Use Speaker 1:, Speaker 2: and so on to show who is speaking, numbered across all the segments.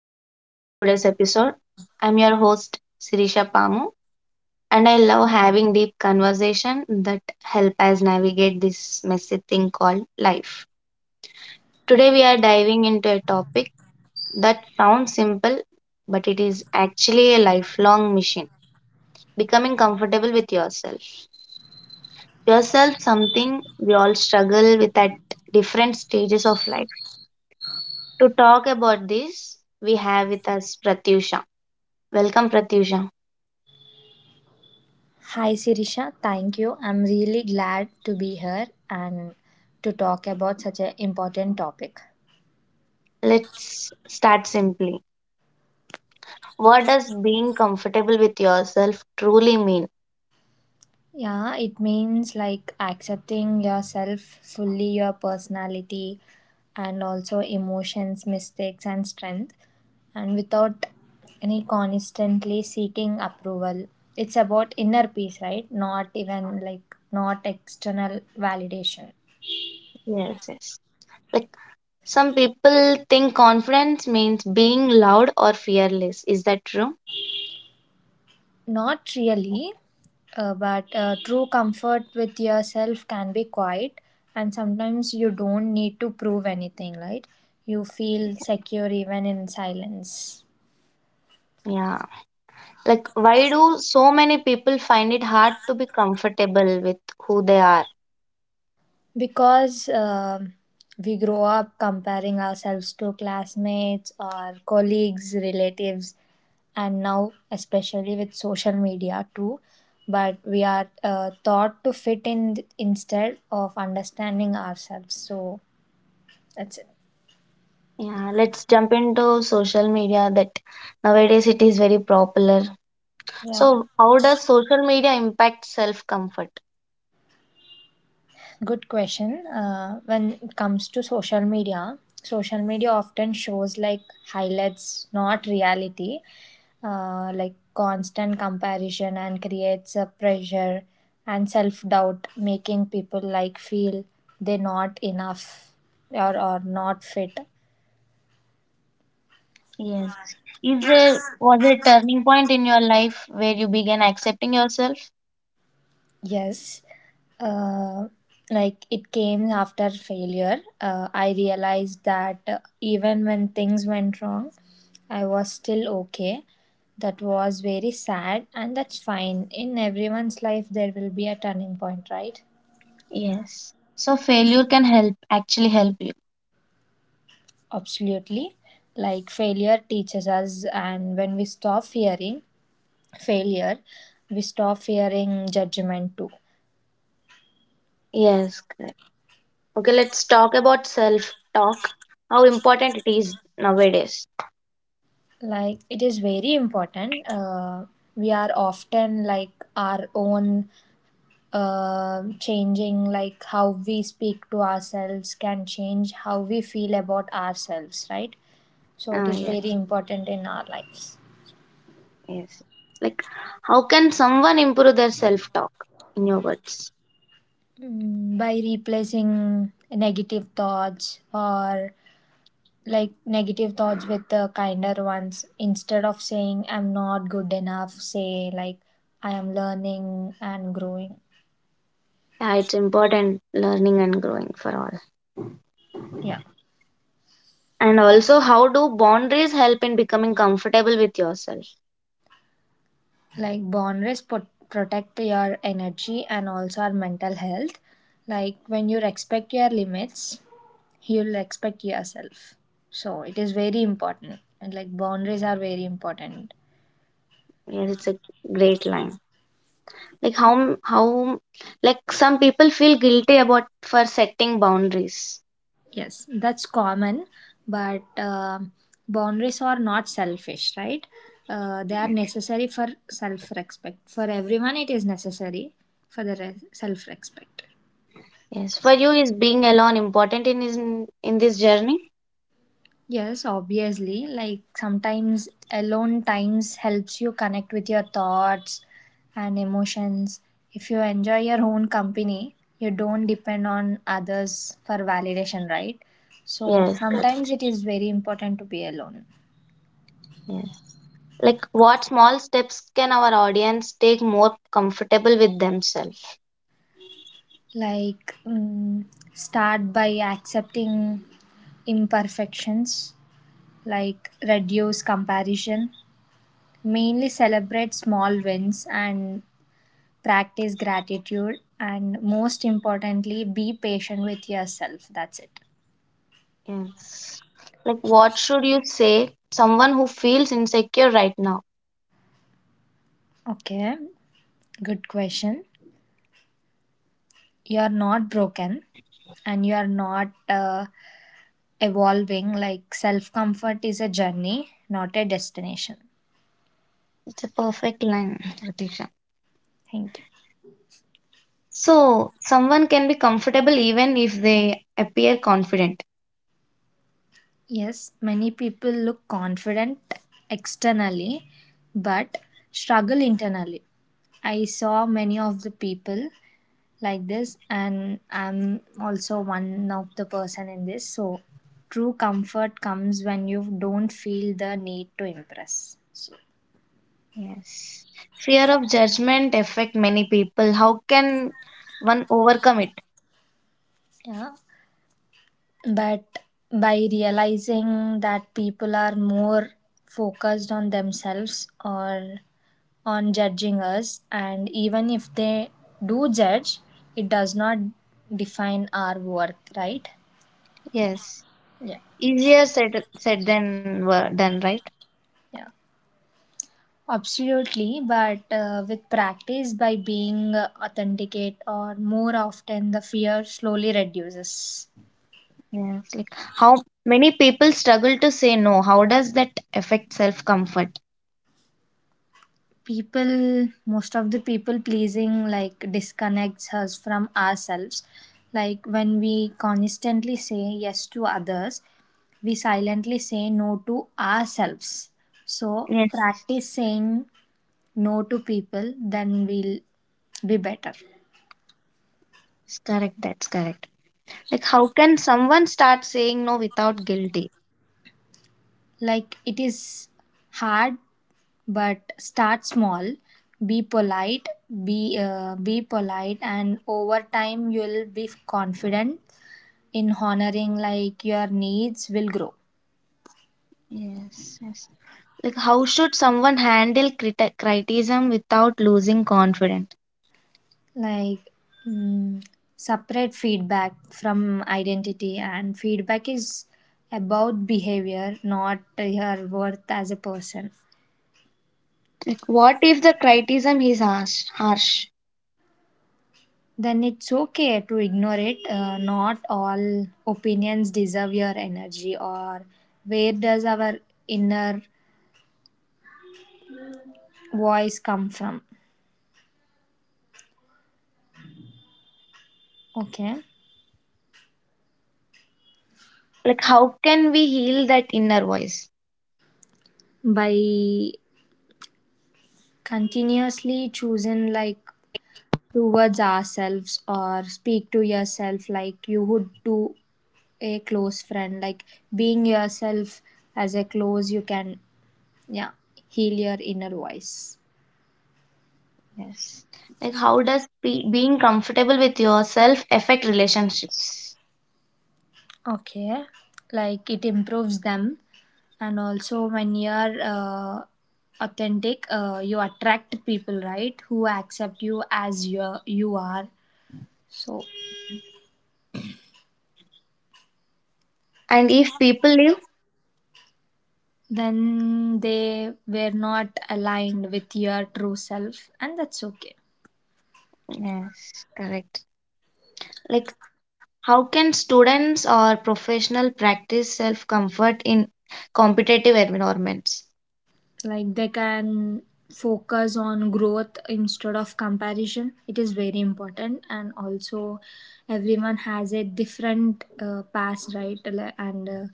Speaker 1: and welcome to today's episode. I'm your host Sirisha Pamu and I love having deep conversation that help us navigate this messy thing called life. Today we are diving into a topic that sounds simple but it is actually a lifelong mission. Becoming comfortable with yourself. Yourself something we all struggle with at different stages of life. To talk about this, we have with us Pratyusha. Welcome, Pratyusha.
Speaker 2: Hi Sirisha, thank you. I'm really glad to be here and to talk about such an important topic.
Speaker 1: Let's start simply. What does being comfortable with yourself truly mean?
Speaker 2: Yeah, it means like accepting yourself fully, your personality, and also emotions, mistakes, and strength, and without any constantly seeking approval. It's about inner peace, right? Not even like not external validation.
Speaker 1: Yes, yes. Like, some people think confidence means being loud or fearless. Is that true?
Speaker 2: Not really, but true comfort with yourself can be quiet, and sometimes you don't need to prove anything, right? You feel secure even in silence.
Speaker 1: Yeah. Like, why do so many people find it hard to be comfortable with who they are?
Speaker 2: Because we grow up comparing ourselves to classmates or colleagues, relatives, and now, especially with social media too. But we are taught to fit in instead of understanding ourselves. So that's it.
Speaker 1: Yeah, let's jump into social media that nowadays it is very popular.
Speaker 2: Yeah.
Speaker 1: So, how does social media impact self comfort?
Speaker 2: Good question. When it comes to social media often shows like highlights, not reality, like constant comparison and creates a pressure and self doubt, making people like feel they're not enough or not fit.
Speaker 1: Yes. Is there was there a turning point in your life where you began accepting yourself?
Speaker 2: Yes, uh, like it came after failure. I realized that even when things went wrong, I was still okay. That was very sad, and that's fine. In everyone's life, there will be a turning point, right?
Speaker 1: Yes. So failure can help actually help you.
Speaker 2: Absolutely. Like failure teaches us, and when we stop fearing failure, we stop fearing judgment too.
Speaker 1: Yes, correct. Okay, let's talk about self talk. How important it is nowadays.
Speaker 2: Like it is very important we are often like our own changing like how we speak to ourselves can change how we feel about ourselves, right? So it
Speaker 1: Ah,
Speaker 2: is very
Speaker 1: yes,
Speaker 2: important in our lives.
Speaker 1: yes. Like, how can someone improve their self talk? In your words.
Speaker 2: Mm, by replacing negative thoughts or like negative thoughts with the kinder ones. Instead of saying I'm not good enough, say like I am learning and growing.
Speaker 1: Yeah, it's important learning and growing for all.
Speaker 2: Yeah,
Speaker 1: And also, how do boundaries help in becoming comfortable with yourself?
Speaker 2: like boundaries protect your energy and also our mental health. Like when you respect your limits, you'll respect yourself. So it is very important and like boundaries are very important.
Speaker 1: Yes, it's a great line. Like, how like some people feel guilty about for setting boundaries.
Speaker 2: Yes, that's common, but boundaries are not selfish, right? They are necessary for self-respect. For everyone it is necessary for the self-respect.
Speaker 1: Yes, for you, is being alone important in this journey?
Speaker 2: Yes, obviously. Like sometimes alone times helps you connect with your thoughts and emotions. If you enjoy your own company, you don't depend on others for validation, right? So
Speaker 1: Yes,
Speaker 2: sometimes
Speaker 1: correct.
Speaker 2: it is very important to be alone.
Speaker 1: Yes. Like, what small steps can our audience take more comfortable with themselves?
Speaker 2: Like mm, start by accepting imperfections, like reduce comparison, mainly celebrate small wins and practice gratitude, and most importantly be patient with yourself. That's it.
Speaker 1: Yes. Like, what should you say someone who feels insecure right now?
Speaker 2: Okay, good question. You are not broken and you are not evolving. Like self comfort is a journey, not a destination.
Speaker 1: It's a perfect line, Ritisha.
Speaker 2: Thank you.
Speaker 1: So someone can be comfortable even if they appear confident.
Speaker 2: Yes, many people look confident externally, but struggle internally. I saw many of the people like this and I'm also one of the person in this. So true comfort comes when you don't feel the need to impress. So
Speaker 1: Yes. Fear of judgment affect many people. How can one overcome it?
Speaker 2: yeah, but by realizing that people are more focused on themselves or on judging us, and even if they do judge, it does not define our worth, right?
Speaker 1: Yes.
Speaker 2: Yeah.
Speaker 1: Easier said than done, right?
Speaker 2: Yeah. Absolutely, but with practice by being authenticate or more often, the fear slowly reduces.
Speaker 1: Yes. Like how many people struggle to say no. How does that affect self-comfort?
Speaker 2: People, most of the people pleasing, like disconnects us from ourselves. Like when we constantly say yes to others, we silently say no to ourselves. So,
Speaker 1: Yes,
Speaker 2: practice saying no to people, then we'll be better.
Speaker 1: correct. That's correct. Like, how can someone start saying no without guilty?
Speaker 2: Like it is hard. But start small, be polite, be polite, and over time you'll be confident in honoring. Like your needs will grow.
Speaker 1: Yes, yes. Like, how should someone handle criticism without losing confidence?
Speaker 2: Like mm, separate feedback from identity, and feedback is about behavior, not your worth as a person.
Speaker 1: Like, what if the criticism is harsh? Harsh.
Speaker 2: Then it's okay to ignore it. Not all opinions deserve your energy, or where does our inner voice come from? Okay,
Speaker 1: Like, how can we heal that inner voice?
Speaker 2: by continuously choosing like towards ourselves, or speak to yourself like you would to a close friend. Like being yourself as a close you can, yeah, heal your inner voice.
Speaker 1: Yes. Like, how does being comfortable with yourself affect relationships?
Speaker 2: Okay, like it improves them, and also when you're authentic, you attract people, right, who accept you as you are. So
Speaker 1: And if people live,
Speaker 2: then they were not aligned with your true self, and that's okay.
Speaker 1: yes, correct. Like, how can students or professional practice self comfort in competitive environments?
Speaker 2: Like they can focus on growth instead of comparison. It is very important, and also everyone has a different past, right? Like, and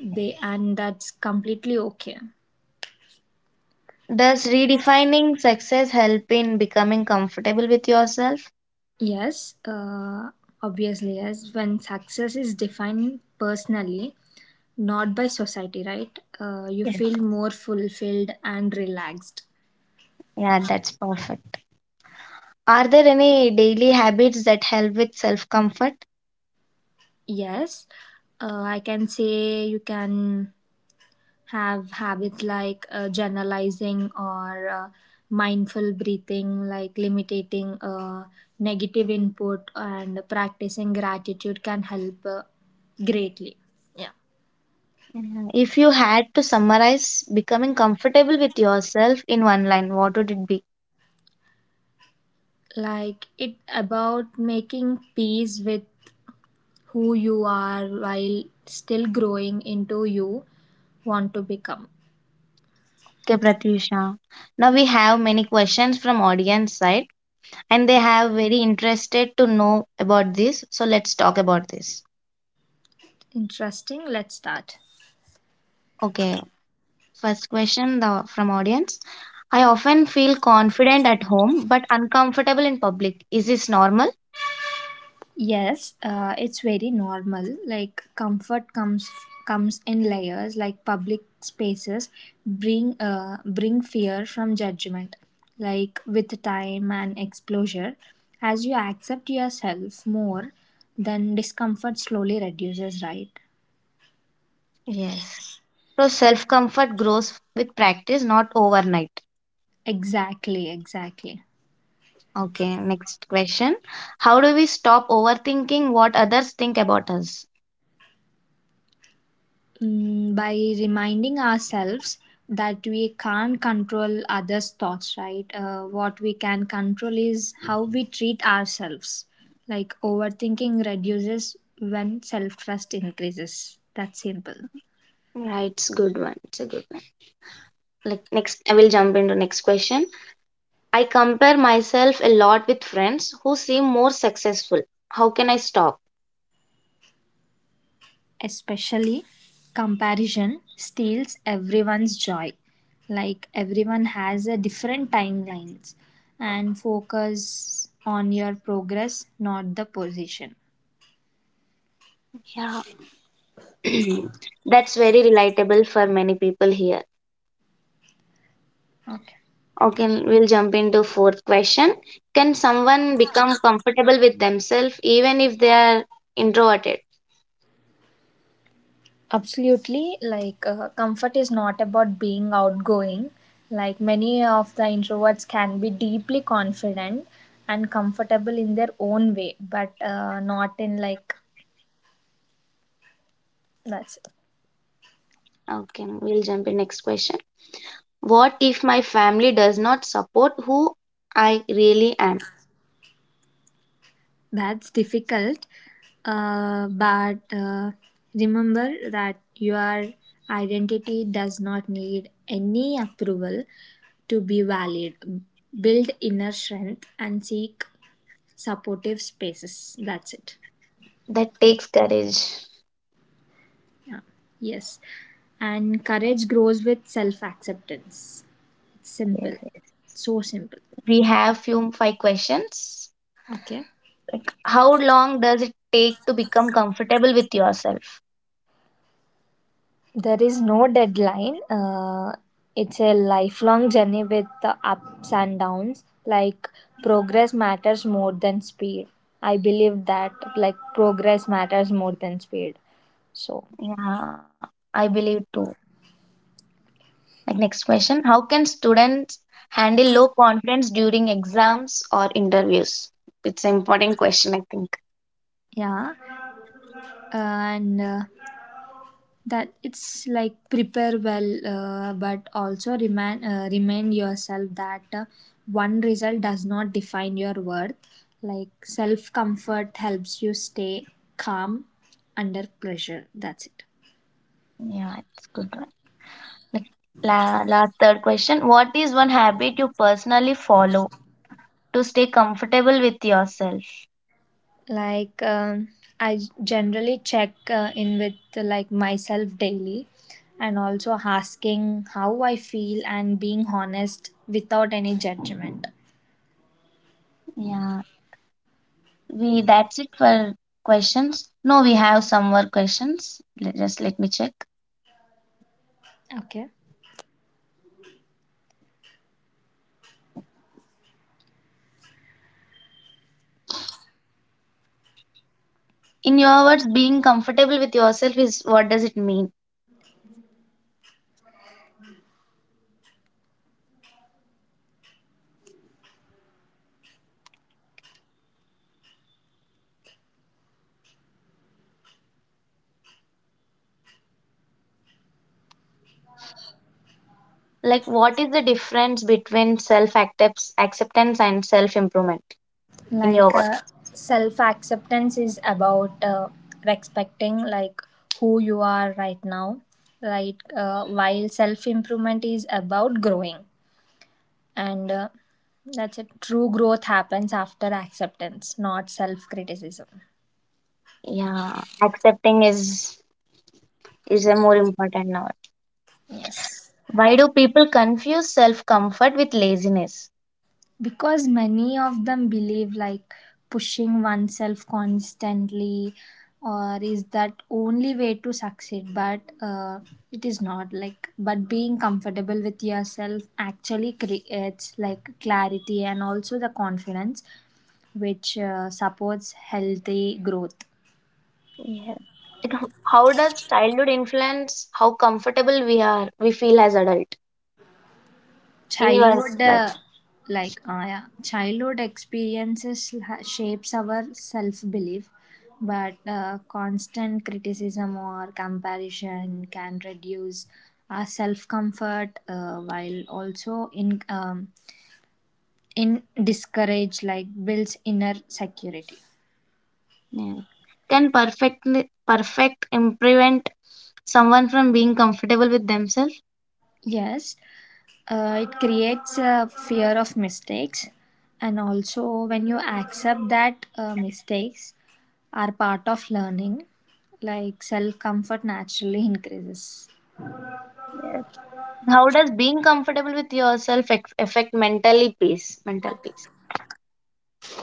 Speaker 2: they, and that's completely okay.
Speaker 1: Does redefining success help in becoming comfortable with yourself?
Speaker 2: Yes, obviously yes. When success is defined personally, not by society, right? You
Speaker 1: Yes.
Speaker 2: feel more fulfilled and relaxed.
Speaker 1: Yeah, that's perfect. Are there any daily habits that help with self comfort?
Speaker 2: Yes, I can say you can have habits like journalizing or mindful breathing, like limiting negative input and practicing gratitude can help greatly. Yeah,
Speaker 1: Mhm. If you had to summarize becoming comfortable with yourself in one line, what would it be?
Speaker 2: like it about making peace with who you are while still growing into you want to become.
Speaker 1: Okay, Pratyusha. Now we have many questions from audience side and they have very interested to know about this. So let's talk about this.
Speaker 2: Interesting, let's start.
Speaker 1: Okay, first question from audience. I often feel confident at home but uncomfortable in public. Is this normal?
Speaker 2: Yes, it's very normal. Like comfort comes in layers. Like public spaces bring bring fear from judgment. Like with time and exposure, as you accept yourself more, then discomfort slowly reduces, right?
Speaker 1: Yes. So self comfort grows with practice, not overnight.
Speaker 2: Exactly, exactly.
Speaker 1: Okay, next question. How do we stop overthinking what others think about us?
Speaker 2: Mm, by reminding ourselves that we can't control others' thoughts, right? What we can control is how we treat ourselves. Like overthinking reduces when self trust increases. That's simple.
Speaker 1: Right, it's good one. It's a good one. Like next, I will jump into next question. I compare myself a lot with friends who seem more successful. How can I stop?
Speaker 2: Especially comparison steals everyone's joy. Like everyone has a different timelines, and focus on your progress, not the position.
Speaker 1: Yeah, that's very relatable for many people here.
Speaker 2: Okay.
Speaker 1: Okay, we'll jump into fourth question. Can someone become comfortable with themselves even if they are introverted?
Speaker 2: Absolutely, like comfort is not about being outgoing. Like many of the introverts can be deeply confident and comfortable in their own way, but not in like that's.
Speaker 1: Okay, we'll jump in next question. What if my family does not support who I really am?
Speaker 2: That's difficult, but remember that your identity does not need any approval to be valid. Build inner strength and seek supportive spaces. That's it.
Speaker 1: That takes courage.
Speaker 2: Yeah. Yes. And courage grows with self acceptance. It's simple.
Speaker 1: Yeah.
Speaker 2: So simple.
Speaker 1: We have few five questions.
Speaker 2: Okay.
Speaker 1: How long does it take to become comfortable with yourself?
Speaker 2: There is no deadline. It's a lifelong journey with the ups and downs. Like progress matters more than speed. I believe that like progress matters more than speed. So
Speaker 1: Yeah, I believe too. Like next question, how can students handle low confidence during exams or interviews? It's an important question, I think.
Speaker 2: yeah, and that it's like prepare well, but also remind yourself that one result does not define your worth. Like self comfort helps you stay calm under pressure. That's it.
Speaker 1: Yeah, it's good one. Like last third question, what is one habit you personally follow to stay comfortable with yourself?
Speaker 2: Like I generally check in with like myself daily, and also asking how I feel and being honest without any judgment.
Speaker 1: Yeah, we that's it for questions. No, we have some more questions. Just let me check.
Speaker 2: Okay,
Speaker 1: In your words, being comfortable with yourself is, what does it mean? Like, what is the difference between self acceptance and self improvement in your
Speaker 2: like
Speaker 1: words?
Speaker 2: self acceptance is about respecting like who you are right now, right? While self improvement is about growing, and that's it. True growth happens after acceptance, not self criticism.
Speaker 1: Yeah, accepting is a more important now.
Speaker 2: Yes,
Speaker 1: Why do people confuse self comfort with laziness?
Speaker 2: because many of them believe like pushing oneself constantly or is that only way to succeed, but it is not like. But being comfortable with yourself actually creates like clarity and also the confidence which supports healthy growth.
Speaker 1: Yes. It, how does childhood influence how comfortable we feel as adult in your
Speaker 2: Childhood
Speaker 1: life?
Speaker 2: like yeah, childhood experiences shapes our self belief, but constant criticism or comparison can reduce our self comfort, while also in discourage like builds inner security.
Speaker 1: Yeah. Can perfect prevent someone from being comfortable with themselves?
Speaker 2: Yes. It creates a fear of mistakes, and also when you accept that mistakes are part of learning, like self comfort naturally increases.
Speaker 1: Yes. How does being comfortable with yourself affect mentally peace? Mental peace.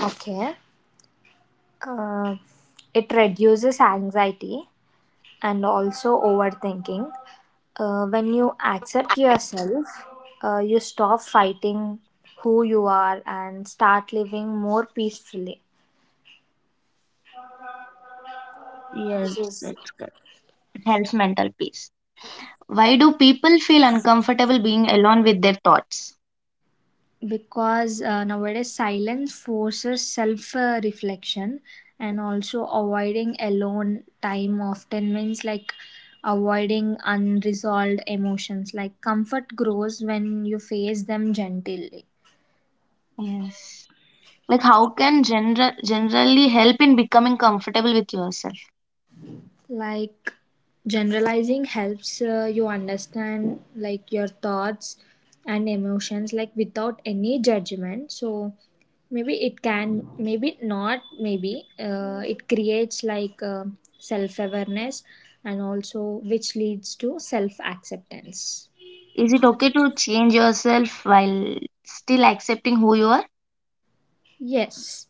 Speaker 2: Okay. Uh, it reduces anxiety and also overthinking. When you accept yourself, you stop fighting who you are and start living more peacefully. This
Speaker 1: Yes,
Speaker 2: is
Speaker 1: that's good. It helps mental peace. Why do people feel uncomfortable being alone with their thoughts?
Speaker 2: because nowadays silence forces self reflection, and also avoiding alone time often means like avoiding unresolved emotions. Like comfort grows when you face them gently.
Speaker 1: Yes. Like, how can generally help in becoming comfortable with yourself?
Speaker 2: Like generalizing helps you understand like your thoughts and emotions like without any judgment. So maybe it can, maybe not, maybe it creates like self awareness and also which leads to self acceptance.
Speaker 1: Is it okay to change yourself while still accepting who you are?
Speaker 2: Yes,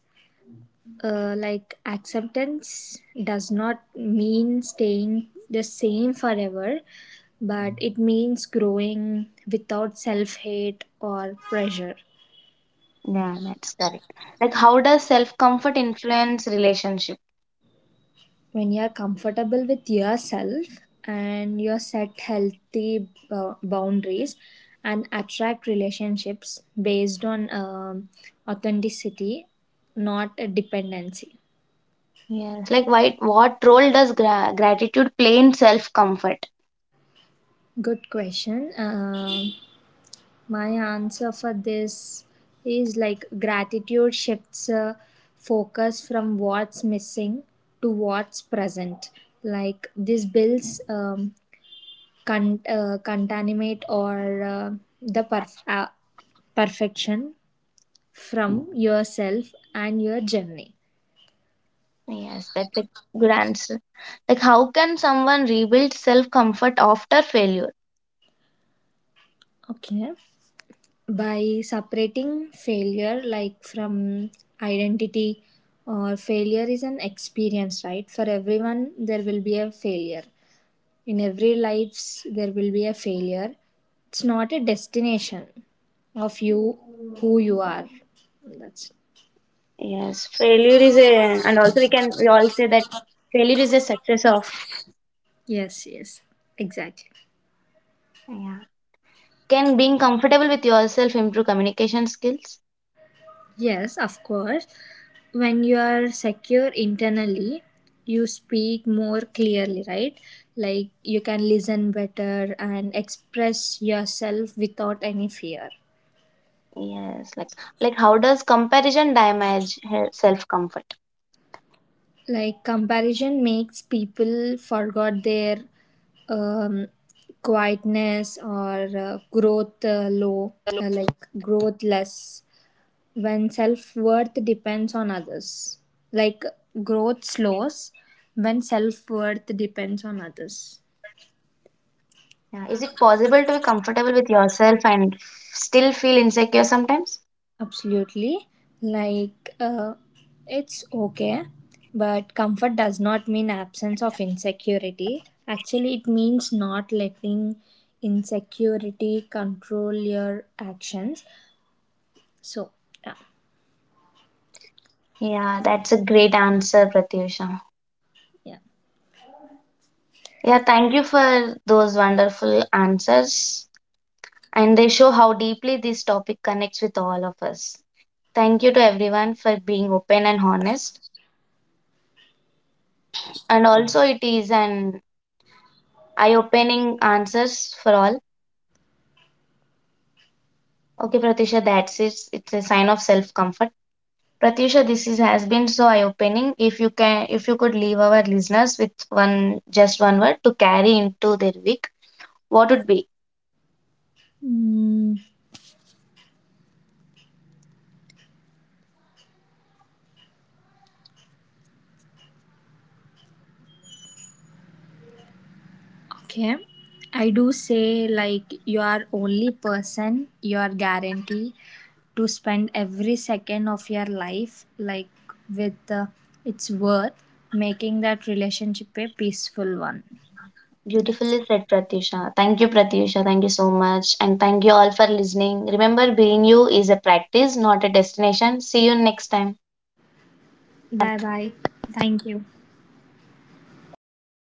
Speaker 2: like acceptance does not mean staying the same forever, but it means growing without self hate or pressure.
Speaker 1: Yeah, that's correct. Like, how does self comfort influence relationship?
Speaker 2: When you are comfortable with yourself and you set healthy boundaries, and attract relationships based on authenticity, not a dependency.
Speaker 1: Yes. Like, why, what role does gratitude play in self comfort?
Speaker 2: Good question. My answer for this is like gratitude shifts focus from what's missing to what's present. Like this builds contaminate or the perfection from yourself and your journey.
Speaker 1: Yes, that's a good answer. Like, how can someone rebuild self comfort after failure?
Speaker 2: Okay. By separating failure like from identity, or failure is an experience, right? For everyone, there will be a failure. In every lives there will be a failure. It's not a destination of you, who you are. That's.
Speaker 1: Yes, failure is a, and also we can, we all say that failure is a success of.
Speaker 2: Yes, yes, exactly.
Speaker 1: Yeah. Can being comfortable with yourself improve communication skills?
Speaker 2: Yes, of course. When you are secure internally, you speak more clearly, right? Like you can listen better and express yourself without any fear.
Speaker 1: Yes, like how does comparison damage self comfort?
Speaker 2: Like comparison makes people forgot their um, quietness or growth low, like growth less when self-worth depends on others. Like growth slows when self-worth depends on others.
Speaker 1: Yeah, is it possible to be comfortable with yourself and still feel insecure sometimes?
Speaker 2: Absolutely. Like, it's okay, but comfort does not mean absence of insecurity. Actually, it means not letting insecurity control your actions. So, yeah,
Speaker 1: Yeah, that's a great answer, Pratyusha.
Speaker 2: yeah.
Speaker 1: Yeah, thank you for those wonderful answers, and they show how deeply this topic connects with all of us. Thank you to everyone for being open and honest, and also it is an eye-opening answers for all. Okay, Pratisha, that's it. It's a sign of self-comfort. Pratyusha, has been so eye-opening. If you could leave our listeners with one, just one word to carry into their week, what would be?
Speaker 2: Hmm. Okay. I do say like you are only person you are guaranteed to spend every second of your life like with its worth making that relationship a peaceful one.
Speaker 1: Beautifully said, Pratyusha. Thank you, Pratyusha. Thank you so much, and thank you all for listening. Remember, being you is a practice, not a destination. See you next time.
Speaker 2: Bye bye. Thank you.